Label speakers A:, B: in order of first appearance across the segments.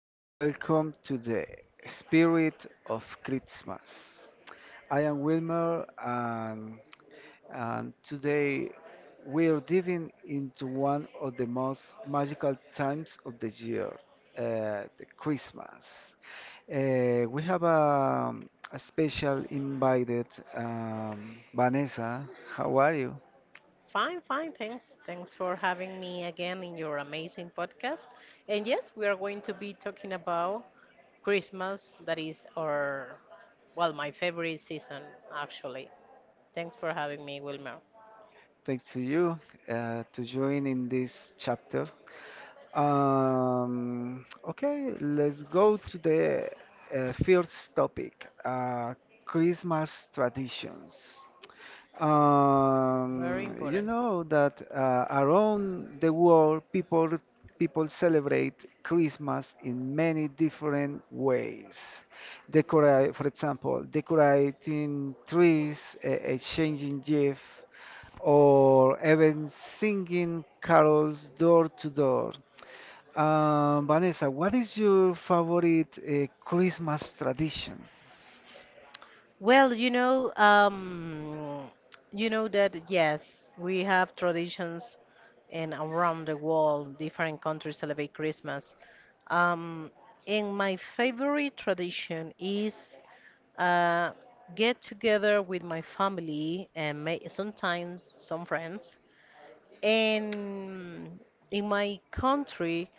A: and welcome to the Spirit of Christmas. I am Wilmer, and today we are diving into one of the most magical times of the year, the Christmas. We have a special invited, Vanessa. How are you?
B: Fine, fine. Thanks. Thanks for having me again in your amazing podcast. And yes, we are going to be talking about Christmas, that is our, well, my favorite season, actually. Thanks for having me, Wilmer.
A: Thanks to you to join in this chapter. Okay, let's go to the first topic, Christmas traditions.
B: Very
A: You
B: important.
A: know that around the world, people celebrate Christmas in many different ways. Decorate, for example, decorating trees, exchanging gifts, or even singing carols door to door. Vanessa, what is your favorite Christmas tradition?
B: Well, you know that yes, we have traditions and around the world, different countries celebrate Christmas. Um, and my favorite tradition is uh, get together with my family and may, sometimes some friends. And in my country,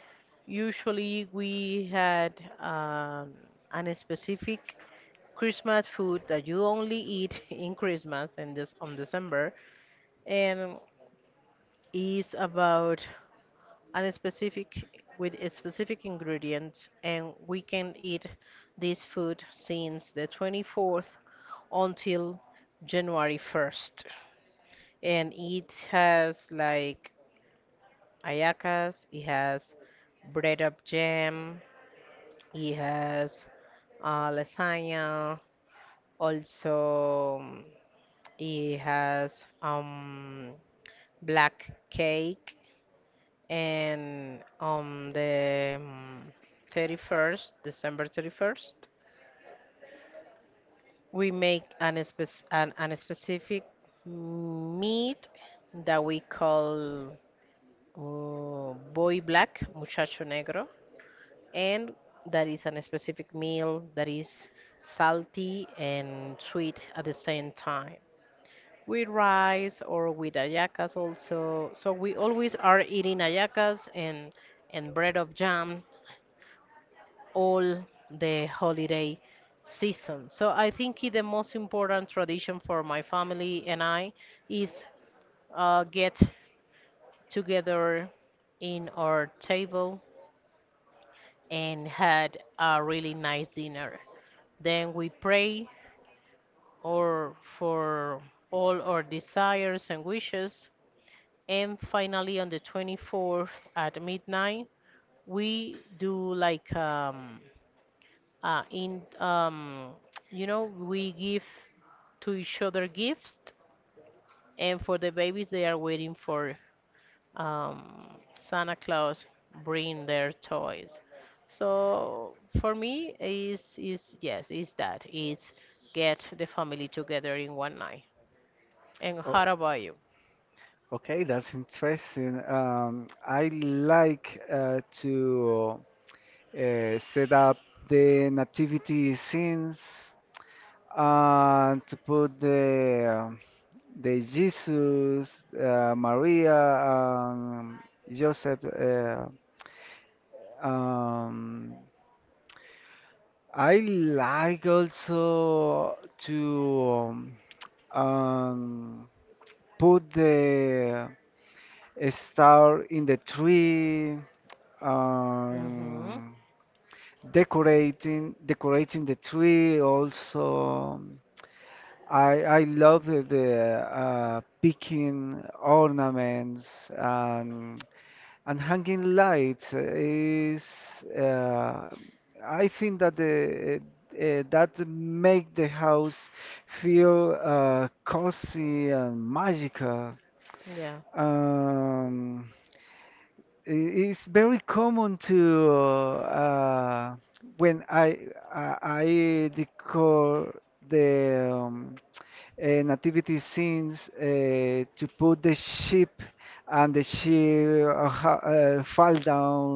B: usually we had um, an specific Christmas food that you only eat in Christmas and this on December, and is about and specific with a specific ingredients and we can eat this food since the 24th until January 1st, and it has like ayacas, it has bread up jam, it has lasagna also, it has black cake, and on the 31st, December 31st, we make an, spec- an specific meat that we call boy black, muchacho negro, and that is a specific meal that is salty and sweet at the same time. With rice or with ayacas also. So we always are eating ayacas and bread of jam all the holiday season. So I think the most important tradition for my family and I is get together in our table and had a really nice dinner. Then we pray or for all our desires and wishes. And finally, on the 24th at midnight, we do like in you know, we give to each other gifts, and for the babies, they are waiting for um, Santa Claus bring their toys. So for me, is yes, is that is get the family together in one night. And how about you?
A: Okay, that's interesting. I like to set up the nativity scenes and to put the Jesus, Maria, Joseph. Um, I like also to um, put the star in the tree,
B: Mm-hmm.
A: um, decorating the tree. Also, I love the picking ornaments and hanging lights is. I think that the that make the house feel cozy and magical.
B: Yeah.
A: Um, i- it's very common to when I decor the nativity scenes to put the sheep and the sheep fall down.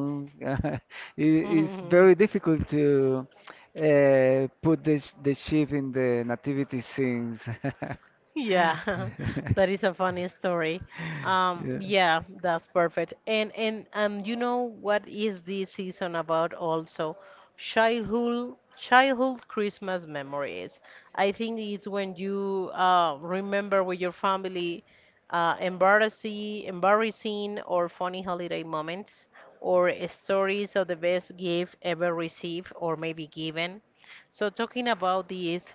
A: It's very difficult to put the the sheep in the nativity scenes.
B: Yeah, that is a funny story.
A: Yeah.
B: Yeah, that's perfect. And you know what is this season about also? Childhood Christmas memories. I think it's when you remember with your family embarrassing or funny holiday moments or stories of the best gift ever received or maybe given. So talking about this,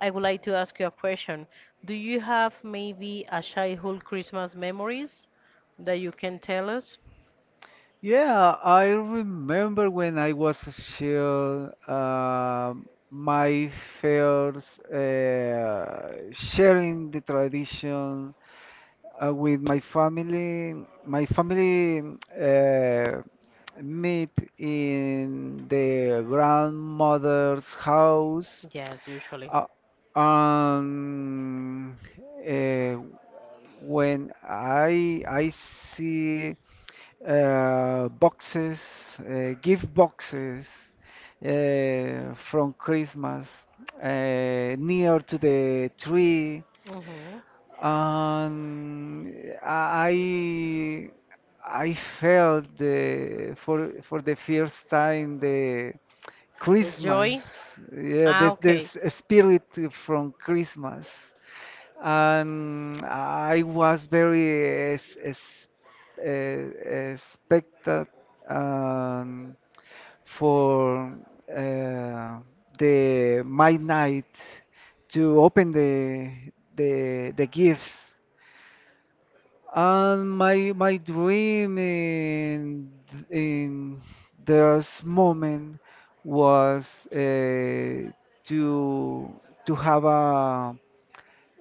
B: I would like to ask you a question. Do you have maybe a childhood Christmas memories that you can tell us?
A: Yeah, I remember when I was a child, my first sharing the tradition with my family. My family uh, meet in the grandmother's house.
B: Yes, usually.
A: Uh, um, eh, when I see boxes, gift boxes from Christmas near to the tree,
B: Mm-hmm.
A: and I I felt the for the first time the
B: The
A: Christmas.
B: joy?
A: Yeah,
B: Ah,
A: the, the
B: okay.
A: s- spirit from Christmas. And I was very expected um, for uh, the my night to open the gifts. And my dream in this moment was to to have a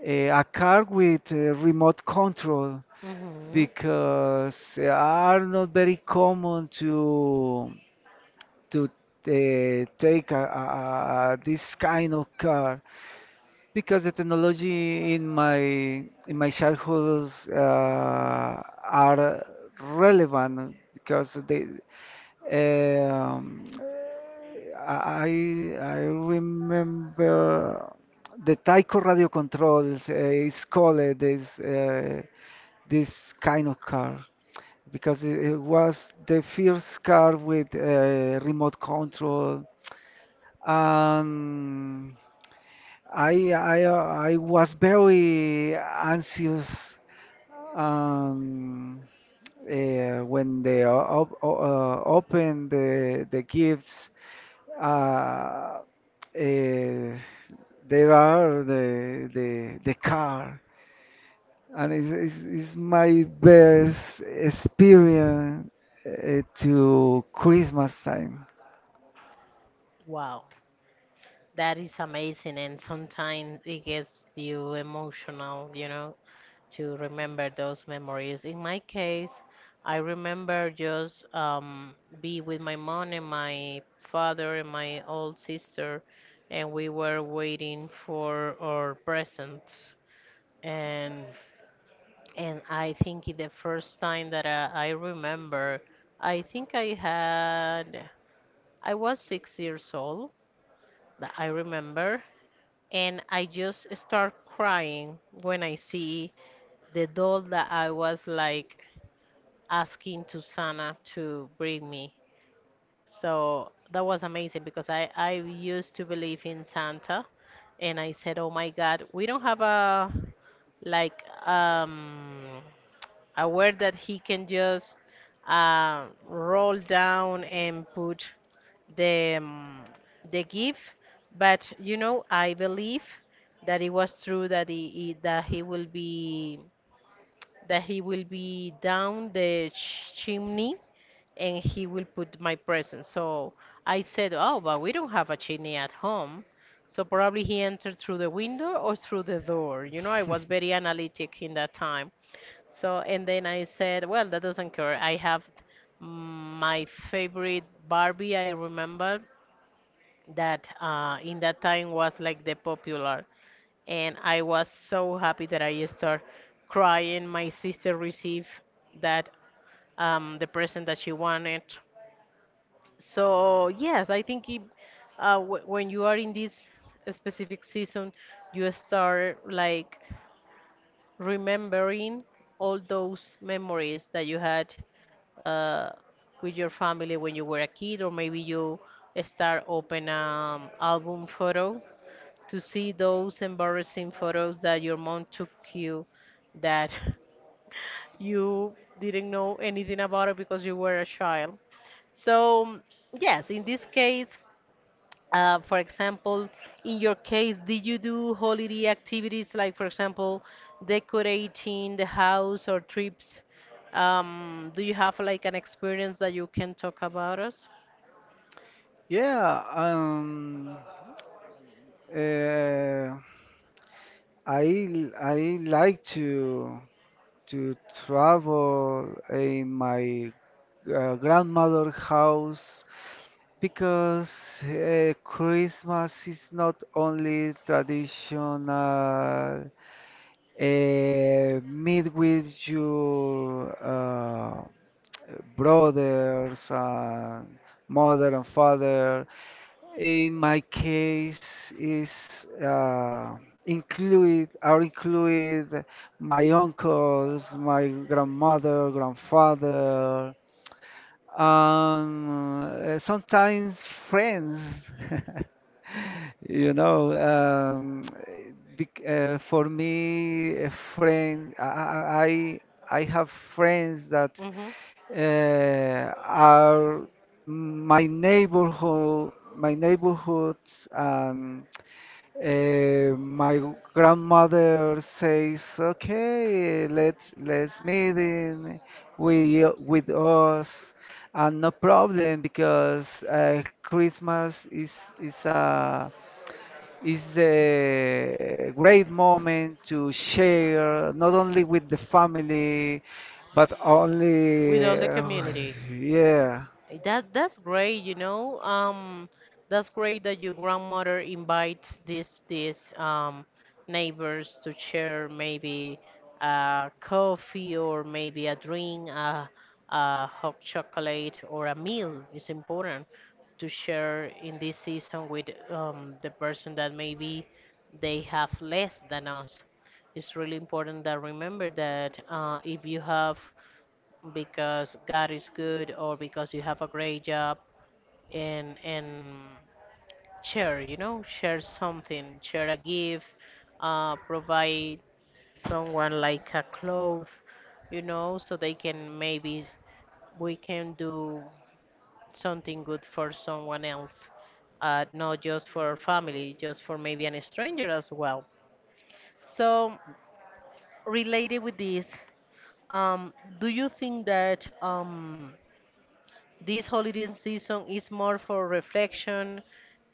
A: a, a car with a remote control
B: Mm-hmm.
A: because are not very common to take this kind of car. Because the technology in my childhood are relevant because they um, I remember the Tyco radio controls is called this this kind of car because it was the first car with remote control and I was very anxious um, when they open the gifts. Uh, uh, there are the car, and it's my best experience to Christmas time.
B: Wow, that is amazing, and sometimes it gets you emotional, you know? To remember those memories. In my case, I remember just be with my mom and my father and my old sister, and we were waiting for our presents. And and I think the first time that I remember, I think I had I was 6 years old. That I remember, and I just start crying when I see the doll that I was like asking Susana to bring me. So that was amazing because I used to believe in Santa and I said, "Oh my God, we don't have a like a word that he can just roll down and put the um, the gift." But you know, I believe that it was true that that he will be that he will be down the chimney and he will put my present. So I said, "Oh, but we don't have a chimney at home." So probably he entered through the window or through the door. You know, I was very analytic in that time. So, and then I said, "Well, that doesn't care. I have my favorite Barbie," I remember that in that time was like the popular. And I was so happy that I start crying. My sister received that the present that she wanted, so yes, I think it, w when you are in this specific season, you start like remembering all those memories that you had uh, with your family when you were a kid, or maybe you start open album photo to see those embarrassing photos that your mom took you that you didn't know anything about it because you were a child. So yes, in this case. For example, in your case, did you do holiday activities like, for example, decorating the house or trips? Do you have like an experience that you can talk about us?
A: Yeah, uh, I like to. To travel in my grandmother's house because Christmas is not only traditional meet with your brothers and mother and father. In my case, is include my uncles, my grandmother, grandfather, sometimes friends. You know, for me, a friend, I have friends that
B: Hmm.
A: are my neighborhood, my neighborhoods, and my grandmother says, "Okay, let's meet in with us, and no problem because Christmas is a is a great moment to share not only with the family but
B: With
A: only"
B: all the community.
A: yeah.
B: Eh, that that's great, you know. That's great that your grandmother invites these neighbors to share maybe a coffee or maybe a drink, a hot chocolate or a meal. It's important to share in this season with the person that maybe they have less than us. It's really important that remember that if you have because God is good or because you have a great job and share, you know, share something, share a gift, provide someone like a cloth, you know, so they can maybe we can do something good for someone else, not just for our family, just for maybe an stranger as well. So related with this, um, do you think that this holiday season is more for reflection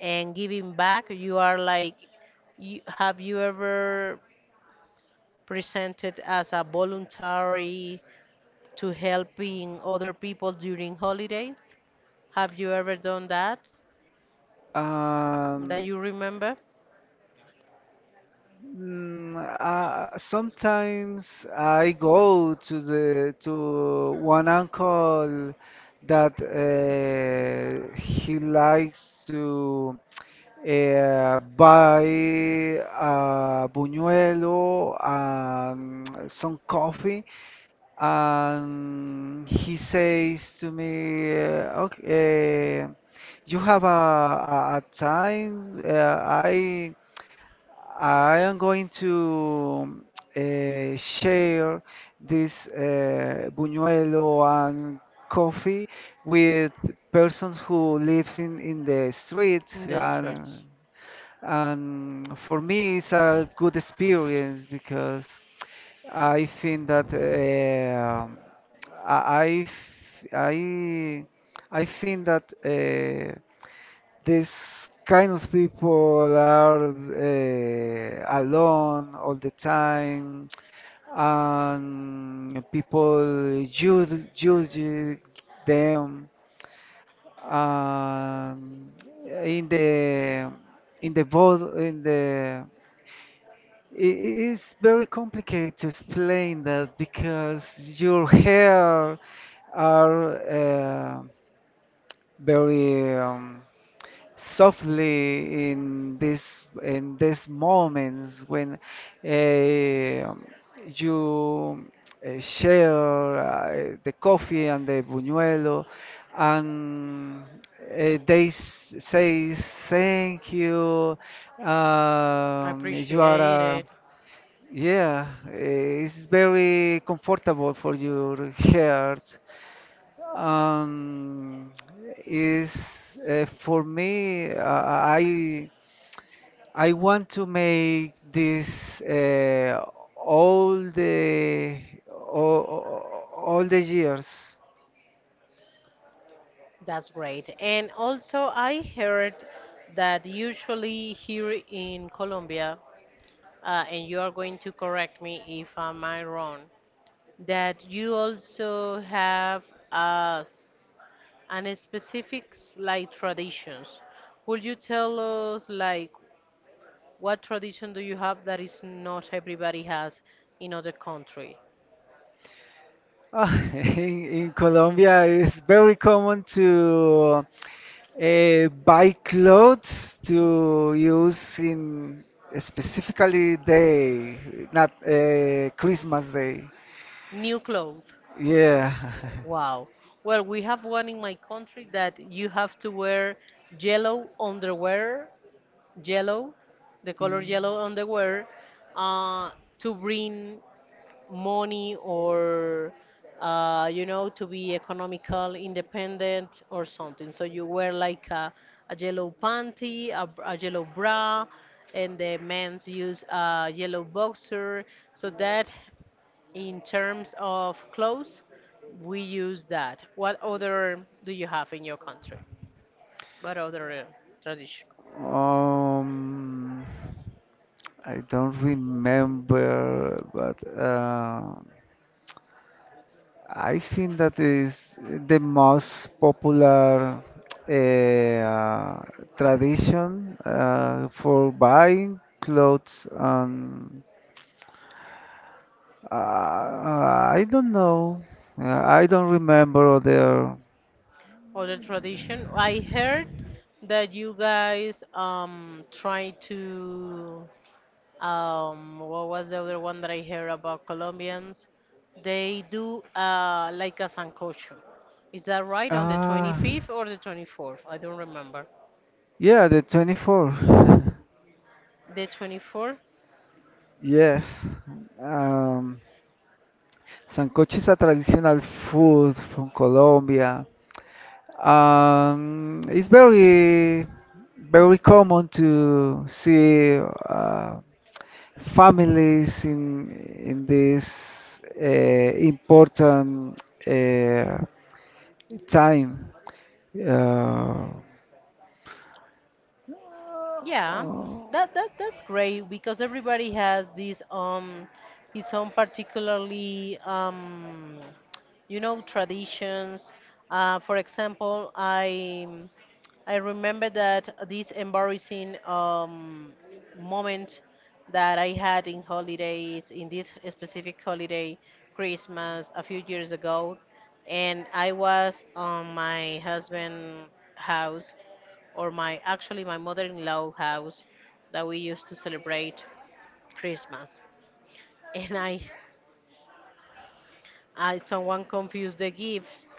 B: and giving back. You are like, you, have you ever presented as a voluntary to helping other people during holidays? Have you ever done that? That
A: um,
B: you remember?
A: Sometimes I go to the to one uncle that he likes to buy a buñuelo and some coffee and he says to me, okay, you have a time. I am going to share this buñuelo and coffee with persons who lives in the streets.
B: In the streets.
A: And for me it's a good experience because I think that I think that this kind of people are alone all the time, and people judge them, and in the in the world in the it is very complicated to explain that because your hair are very softly in this in these moments when uh, you share the coffee and the buñuelo and say thank you,
B: I
A: you are
B: appreciate
A: a
B: it.
A: yeah, it's very comfortable for your heart. Um, is for me, I want to make this all the all the years.
B: That's great. And also, I heard that usually here in Colombia, and you are going to correct me if I'm wrong, that you also have as an specifics like traditions. Would you tell us like what tradition do you have that is not everybody has in other country?
A: Ah, in Colombia, it's very common to buy clothes to use in specifically day, not Christmas day.
B: New clothes.
A: Yeah.
B: Wow. Well, we have one in my country that you have to wear yellow underwear, yellow, the color yellow underwear, uh, to bring money or, you know, to be economical, independent or something. So you wear like a yellow panty, a, br- a yellow bra, and the men's use a yellow boxer. So that in terms of clothes, we use that. What other do you have in your country? What other tradition?
A: Mm. Um, I don't remember, but I think that is the most popular uh, tradition for buying clothes. And uh, I don't know. I don't remember other.
B: Other tradition? I heard that you guys try to what was the other one that I heard about Colombians? They do like a sancocho. Is that right? On the
A: Ah,
B: 25th or the 24th? I don't remember.
A: yeah, the 24th.
B: The 24th?
A: Yes. Um, Sancocho is a traditional food from Colombia. It's very common to see families in this important uh, time. Uh,
B: Yeah, that that's great because everybody has this his own particularly you know traditions. For example, I remember that this embarrassing moment that I had in holidays in this specific holiday Christmas a few years ago, and I was on my husband's house or my actually my mother-in-law house that we used to celebrate Christmas. And I someone confused the gifts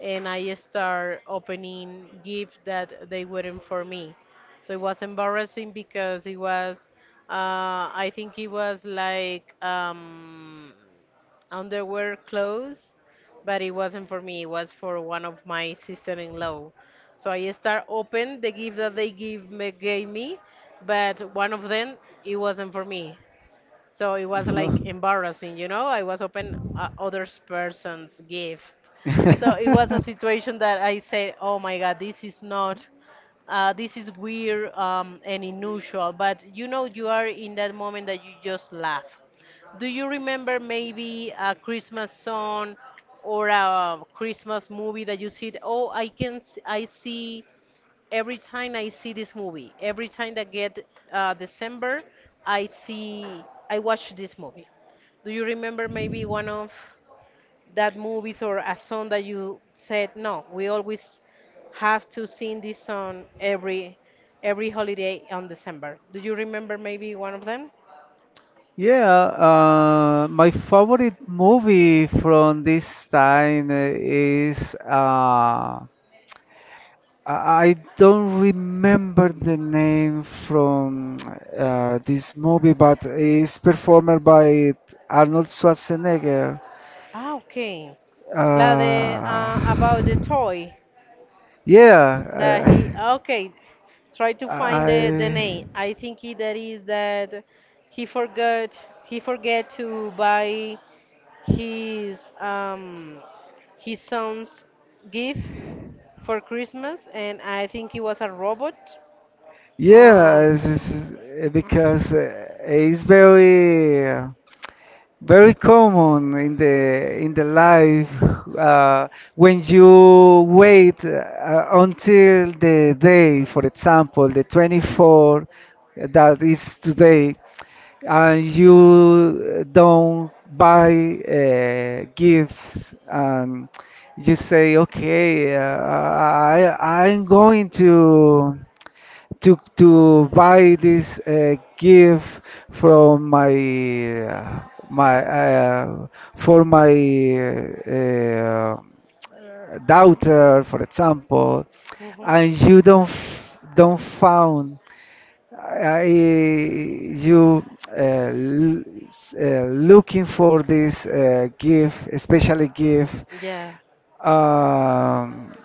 B: and I start opening gifts that they weren't for me. So it was embarrassing because it was, I think it was like underwear clothes, but it wasn't for me. It was for one of my sister-in-law. So I start open the gift that they give me, gave me, but one of them it wasn't for me. So it was like embarrassing, you know. I was open other person's gift.
A: So
B: So it was a situation that I said, "Oh my God, this is not, this is weird and unusual." But you know, you are in that moment that you just laugh. Do you remember maybe a Christmas song or a Christmas movie that you said, "Oh, I can, I see every time I see this movie, every time that get December, I see, I watch this movie." Do you remember maybe one of that movies or a song that you said, "No, we always have to sing this song every holiday on December." Do you remember maybe one of them?
A: Yeah, my favorite movie from this time is I don't remember the name from this movie, but it's performed by Arnold Schwarzenegger.
B: Ah, okay. La de
A: Uh,
B: about the toy. That
A: yeah,
B: he okay. Try to find the
A: I
B: name. I think he, that is that he forgot he forget to buy his um his son's gift for Christmas, and I think he was a robot. Um.
A: yeah, because it's very. Very common in the life uh, when you wait until the day, for example, the 24th that is today, and you don't buy gifts and you say, okay, I I'm going to to buy this gift from my my for my uh, daughter, for example, and
B: Mhm.
A: you don't don't found I, you l- s- looking for this gift, especially gift.
B: Yeah.
A: Um,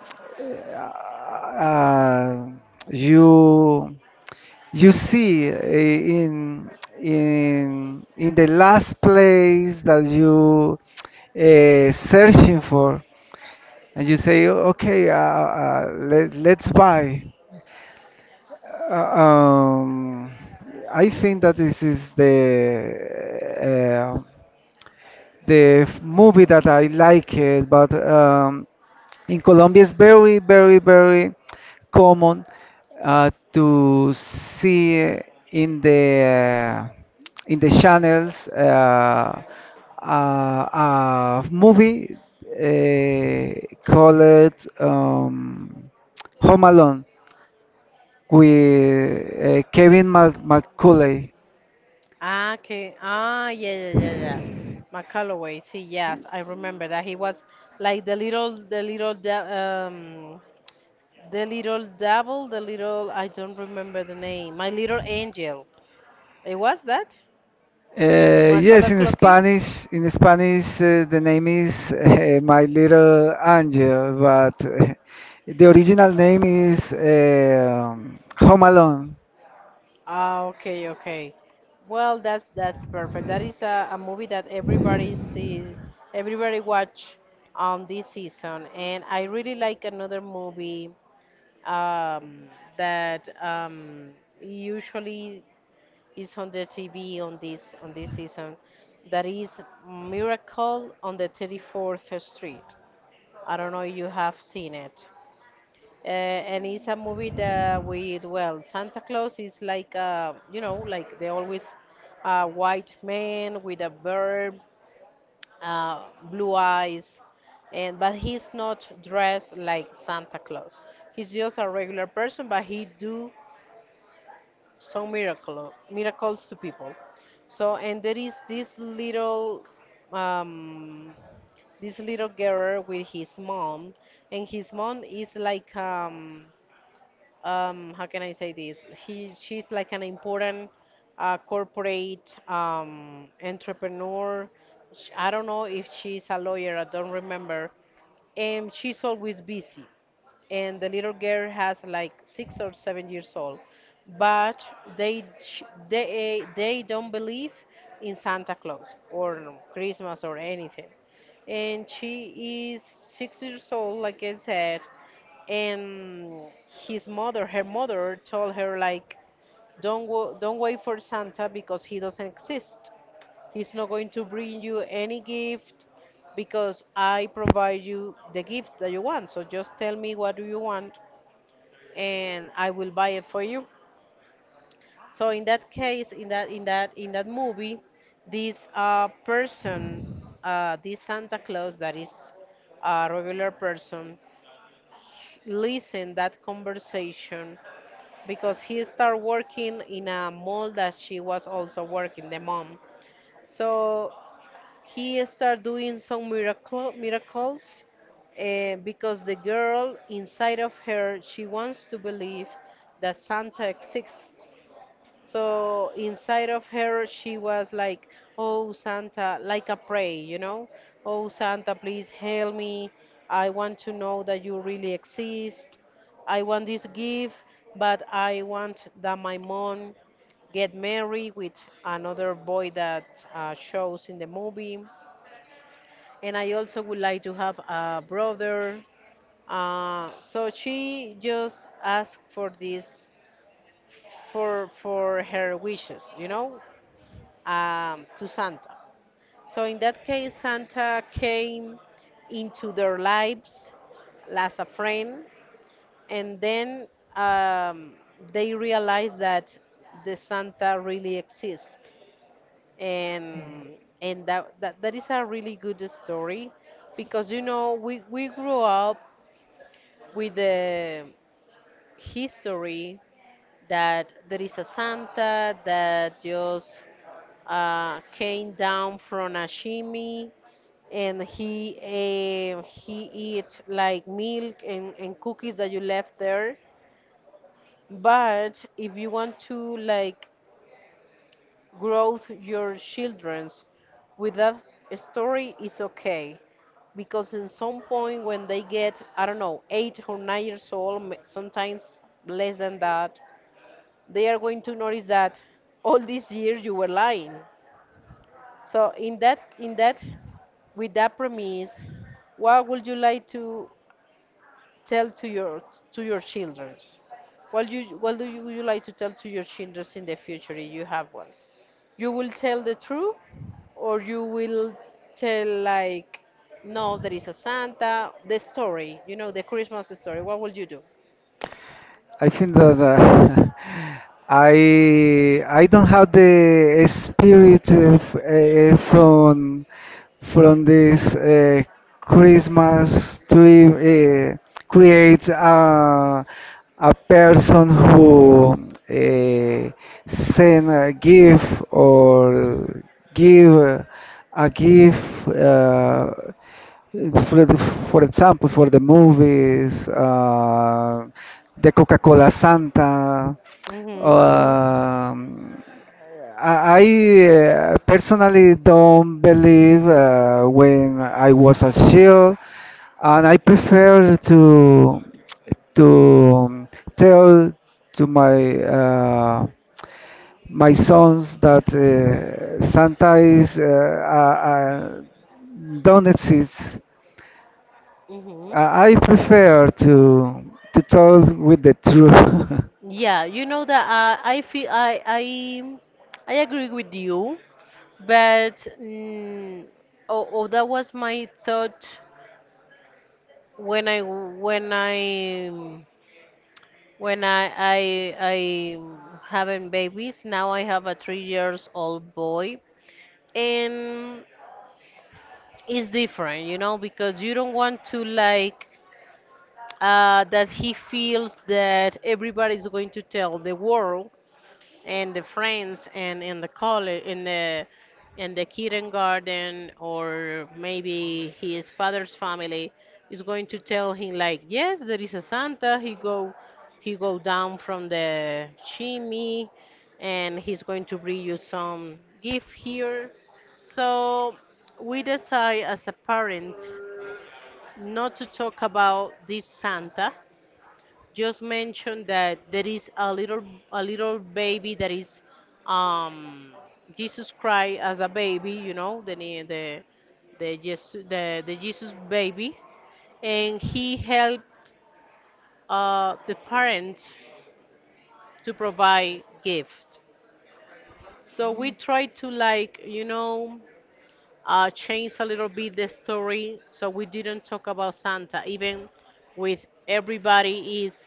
A: uh, you you see, in the last place that you searching for, and you say, okay, let's buy. Uh, um, I think that this is the uh, movie that I like it, but in Colombia, it's very common to see in the uh, in the channels a movie called um, Home Alone with Kevin McCullough.
B: Ah, okay. Ah, yeah, yeah, yeah, yeah. McCalloway. See, yes, I remember that he was like the little devil, the little, I don't remember the name. My little angel. It was that? My color
A: Yes,
B: clocky.
A: In Spanish, the name is My Little Angel, but the original name is Home Alone.
B: Ah, okay, okay. Well, that's perfect. That is a movie that everybody see, everybody watch on this season. And I really like another movie um, that usually is on the TV on this season. That is Miracle on the 34th Street. I don't know if you have seen it. And it's a movie that with well, Santa Claus is like you know like they always a white man with a beard, uh, blue eyes, and but he's not dressed like Santa Claus. He's just a regular person, but he do some miracles to people. So and there is this little um this little girl with his mom, and his mom is like how can I say this? She's like an important corporate entrepreneur. I don't know if she's a lawyer, I don't remember. And she's always busy. And the little girl has like 6 or 7 years old. But they, ch- they don't believe in Santa Claus or Christmas or anything. And she is 6 years old, like I said, and his mother her mother told her like, don't wait for Santa because he doesn't exist, he's not going to bring you any gift, because I provide you the gift that you want, so just tell me what do you want and I will buy it for you. So in that case, in that movie, this person, this Santa Claus, that is a regular person, listen that conversation, because he started working in a mall that she was also working, the mom. So he started doing some miracles, because the girl inside of her, she wants to believe that Santa exists. So inside of her, she was like, "Oh, Santa," like a pray, you know? "Oh, Santa, please help me. I want to know that you really exist. I want this gift, but I want that my mom get married with another boy that shows in the movie. And I also would like to have a brother." So she just asked for this, for her wishes, you know, to Santa. So in that case, Santa came into their lives as a friend, and then um, they realized that the Santa really exists. And that is a really good story, because you know we grew up with the history that there is a Santa that just came down from a shimmy, and he eat like milk and cookies that you left there. But if you want to like grow your children's with that story, it's okay, because in some point when they get, I don't know, 8 or 9 years old, sometimes less than that, they are going to notice that all these years you were lying. So in that with that premise, what would you like to tell to your children? What you what do you, would you like to tell to your children in the future if you have one? You will tell the truth, or you will tell like, no, there is a Santa. The story, you know, the Christmas story. What will you do?
A: I think that I don't have the spirit of, from this Christmas to create a person who send a gift or give a gift. It's For, the- for example, for the movies, the Coca-Cola Santa.
B: Mhm, mhm,
A: Um, personally don't believe when I was a child, and I prefer to tell to my sons that Santa is don't exist.
B: mhm.
A: I prefer to talk with the truth.
B: Yeah, you know that I feel I agree with you. But mm, oh, oh, that was my thought when I when I when I having babies. Now I have a 3 years old boy, and it's different, you know, because you don't want to like that he feels that everybody's going to tell the world and the friends and in the college in the kindergarten, or maybe his father's family is going to tell him like, yes, there is a Santa, he go down from the chimney and he's going to bring you some gift here. So we decide as a parent not to talk about this Santa, just mentioned that there is a little baby that is um Jesus Christ as a baby, you know, the Jesus, the Jesus baby, and he helped the parents to provide gift. So we tried to like, you know, change a little bit the story, so we didn't talk about Santa, even with everybody is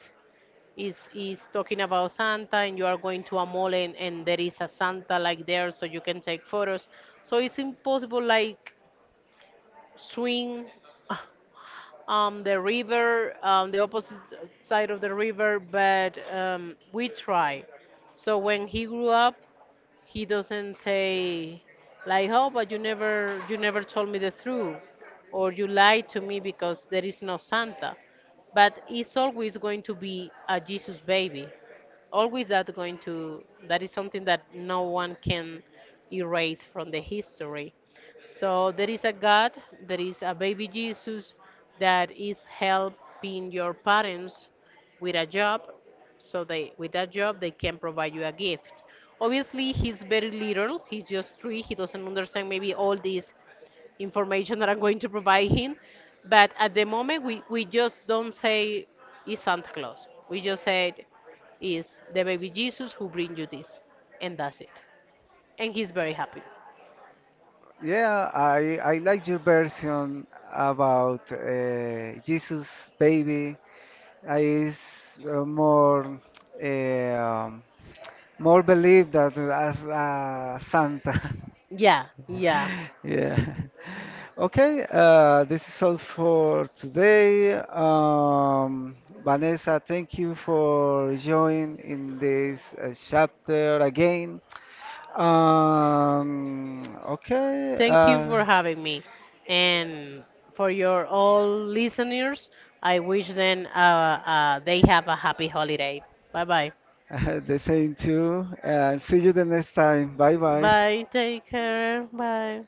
B: is talking about Santa, and you are going to a mall, and there is a Santa like there so you can take photos. So it's impossible like swing the river, the opposite side of the river, but we try. So when he grew up, he doesn't say like, "Oh, but you never told me the truth," or "You lied to me because there is no Santa." But it's always going to be a Jesus baby. Always that going to, that is something that no one can erase from the history. So there is a God, there is a baby Jesus that is helping your parents with a job, so they with that job they can provide you a gift. Obviously he's very little, he's just three, he doesn't understand maybe all this information that I'm going to provide him. But at the moment we just don't say it's Santa Claus. We just said it's the baby Jesus who brings you this, and that's it. And he's very happy.
A: Yeah, I like your version about Jesus baby. I is uh, more believe that as Santa.
B: Yeah, yeah.
A: Yeah. Okay, this is all for today. Vanessa, thank you for joining in this chapter again. Okay.
B: Thank you for having me. And for your all listeners, I wish them they have a happy holiday. Bye bye.
A: The same too. See you the next time. Bye bye.
B: Bye. Take care. Bye.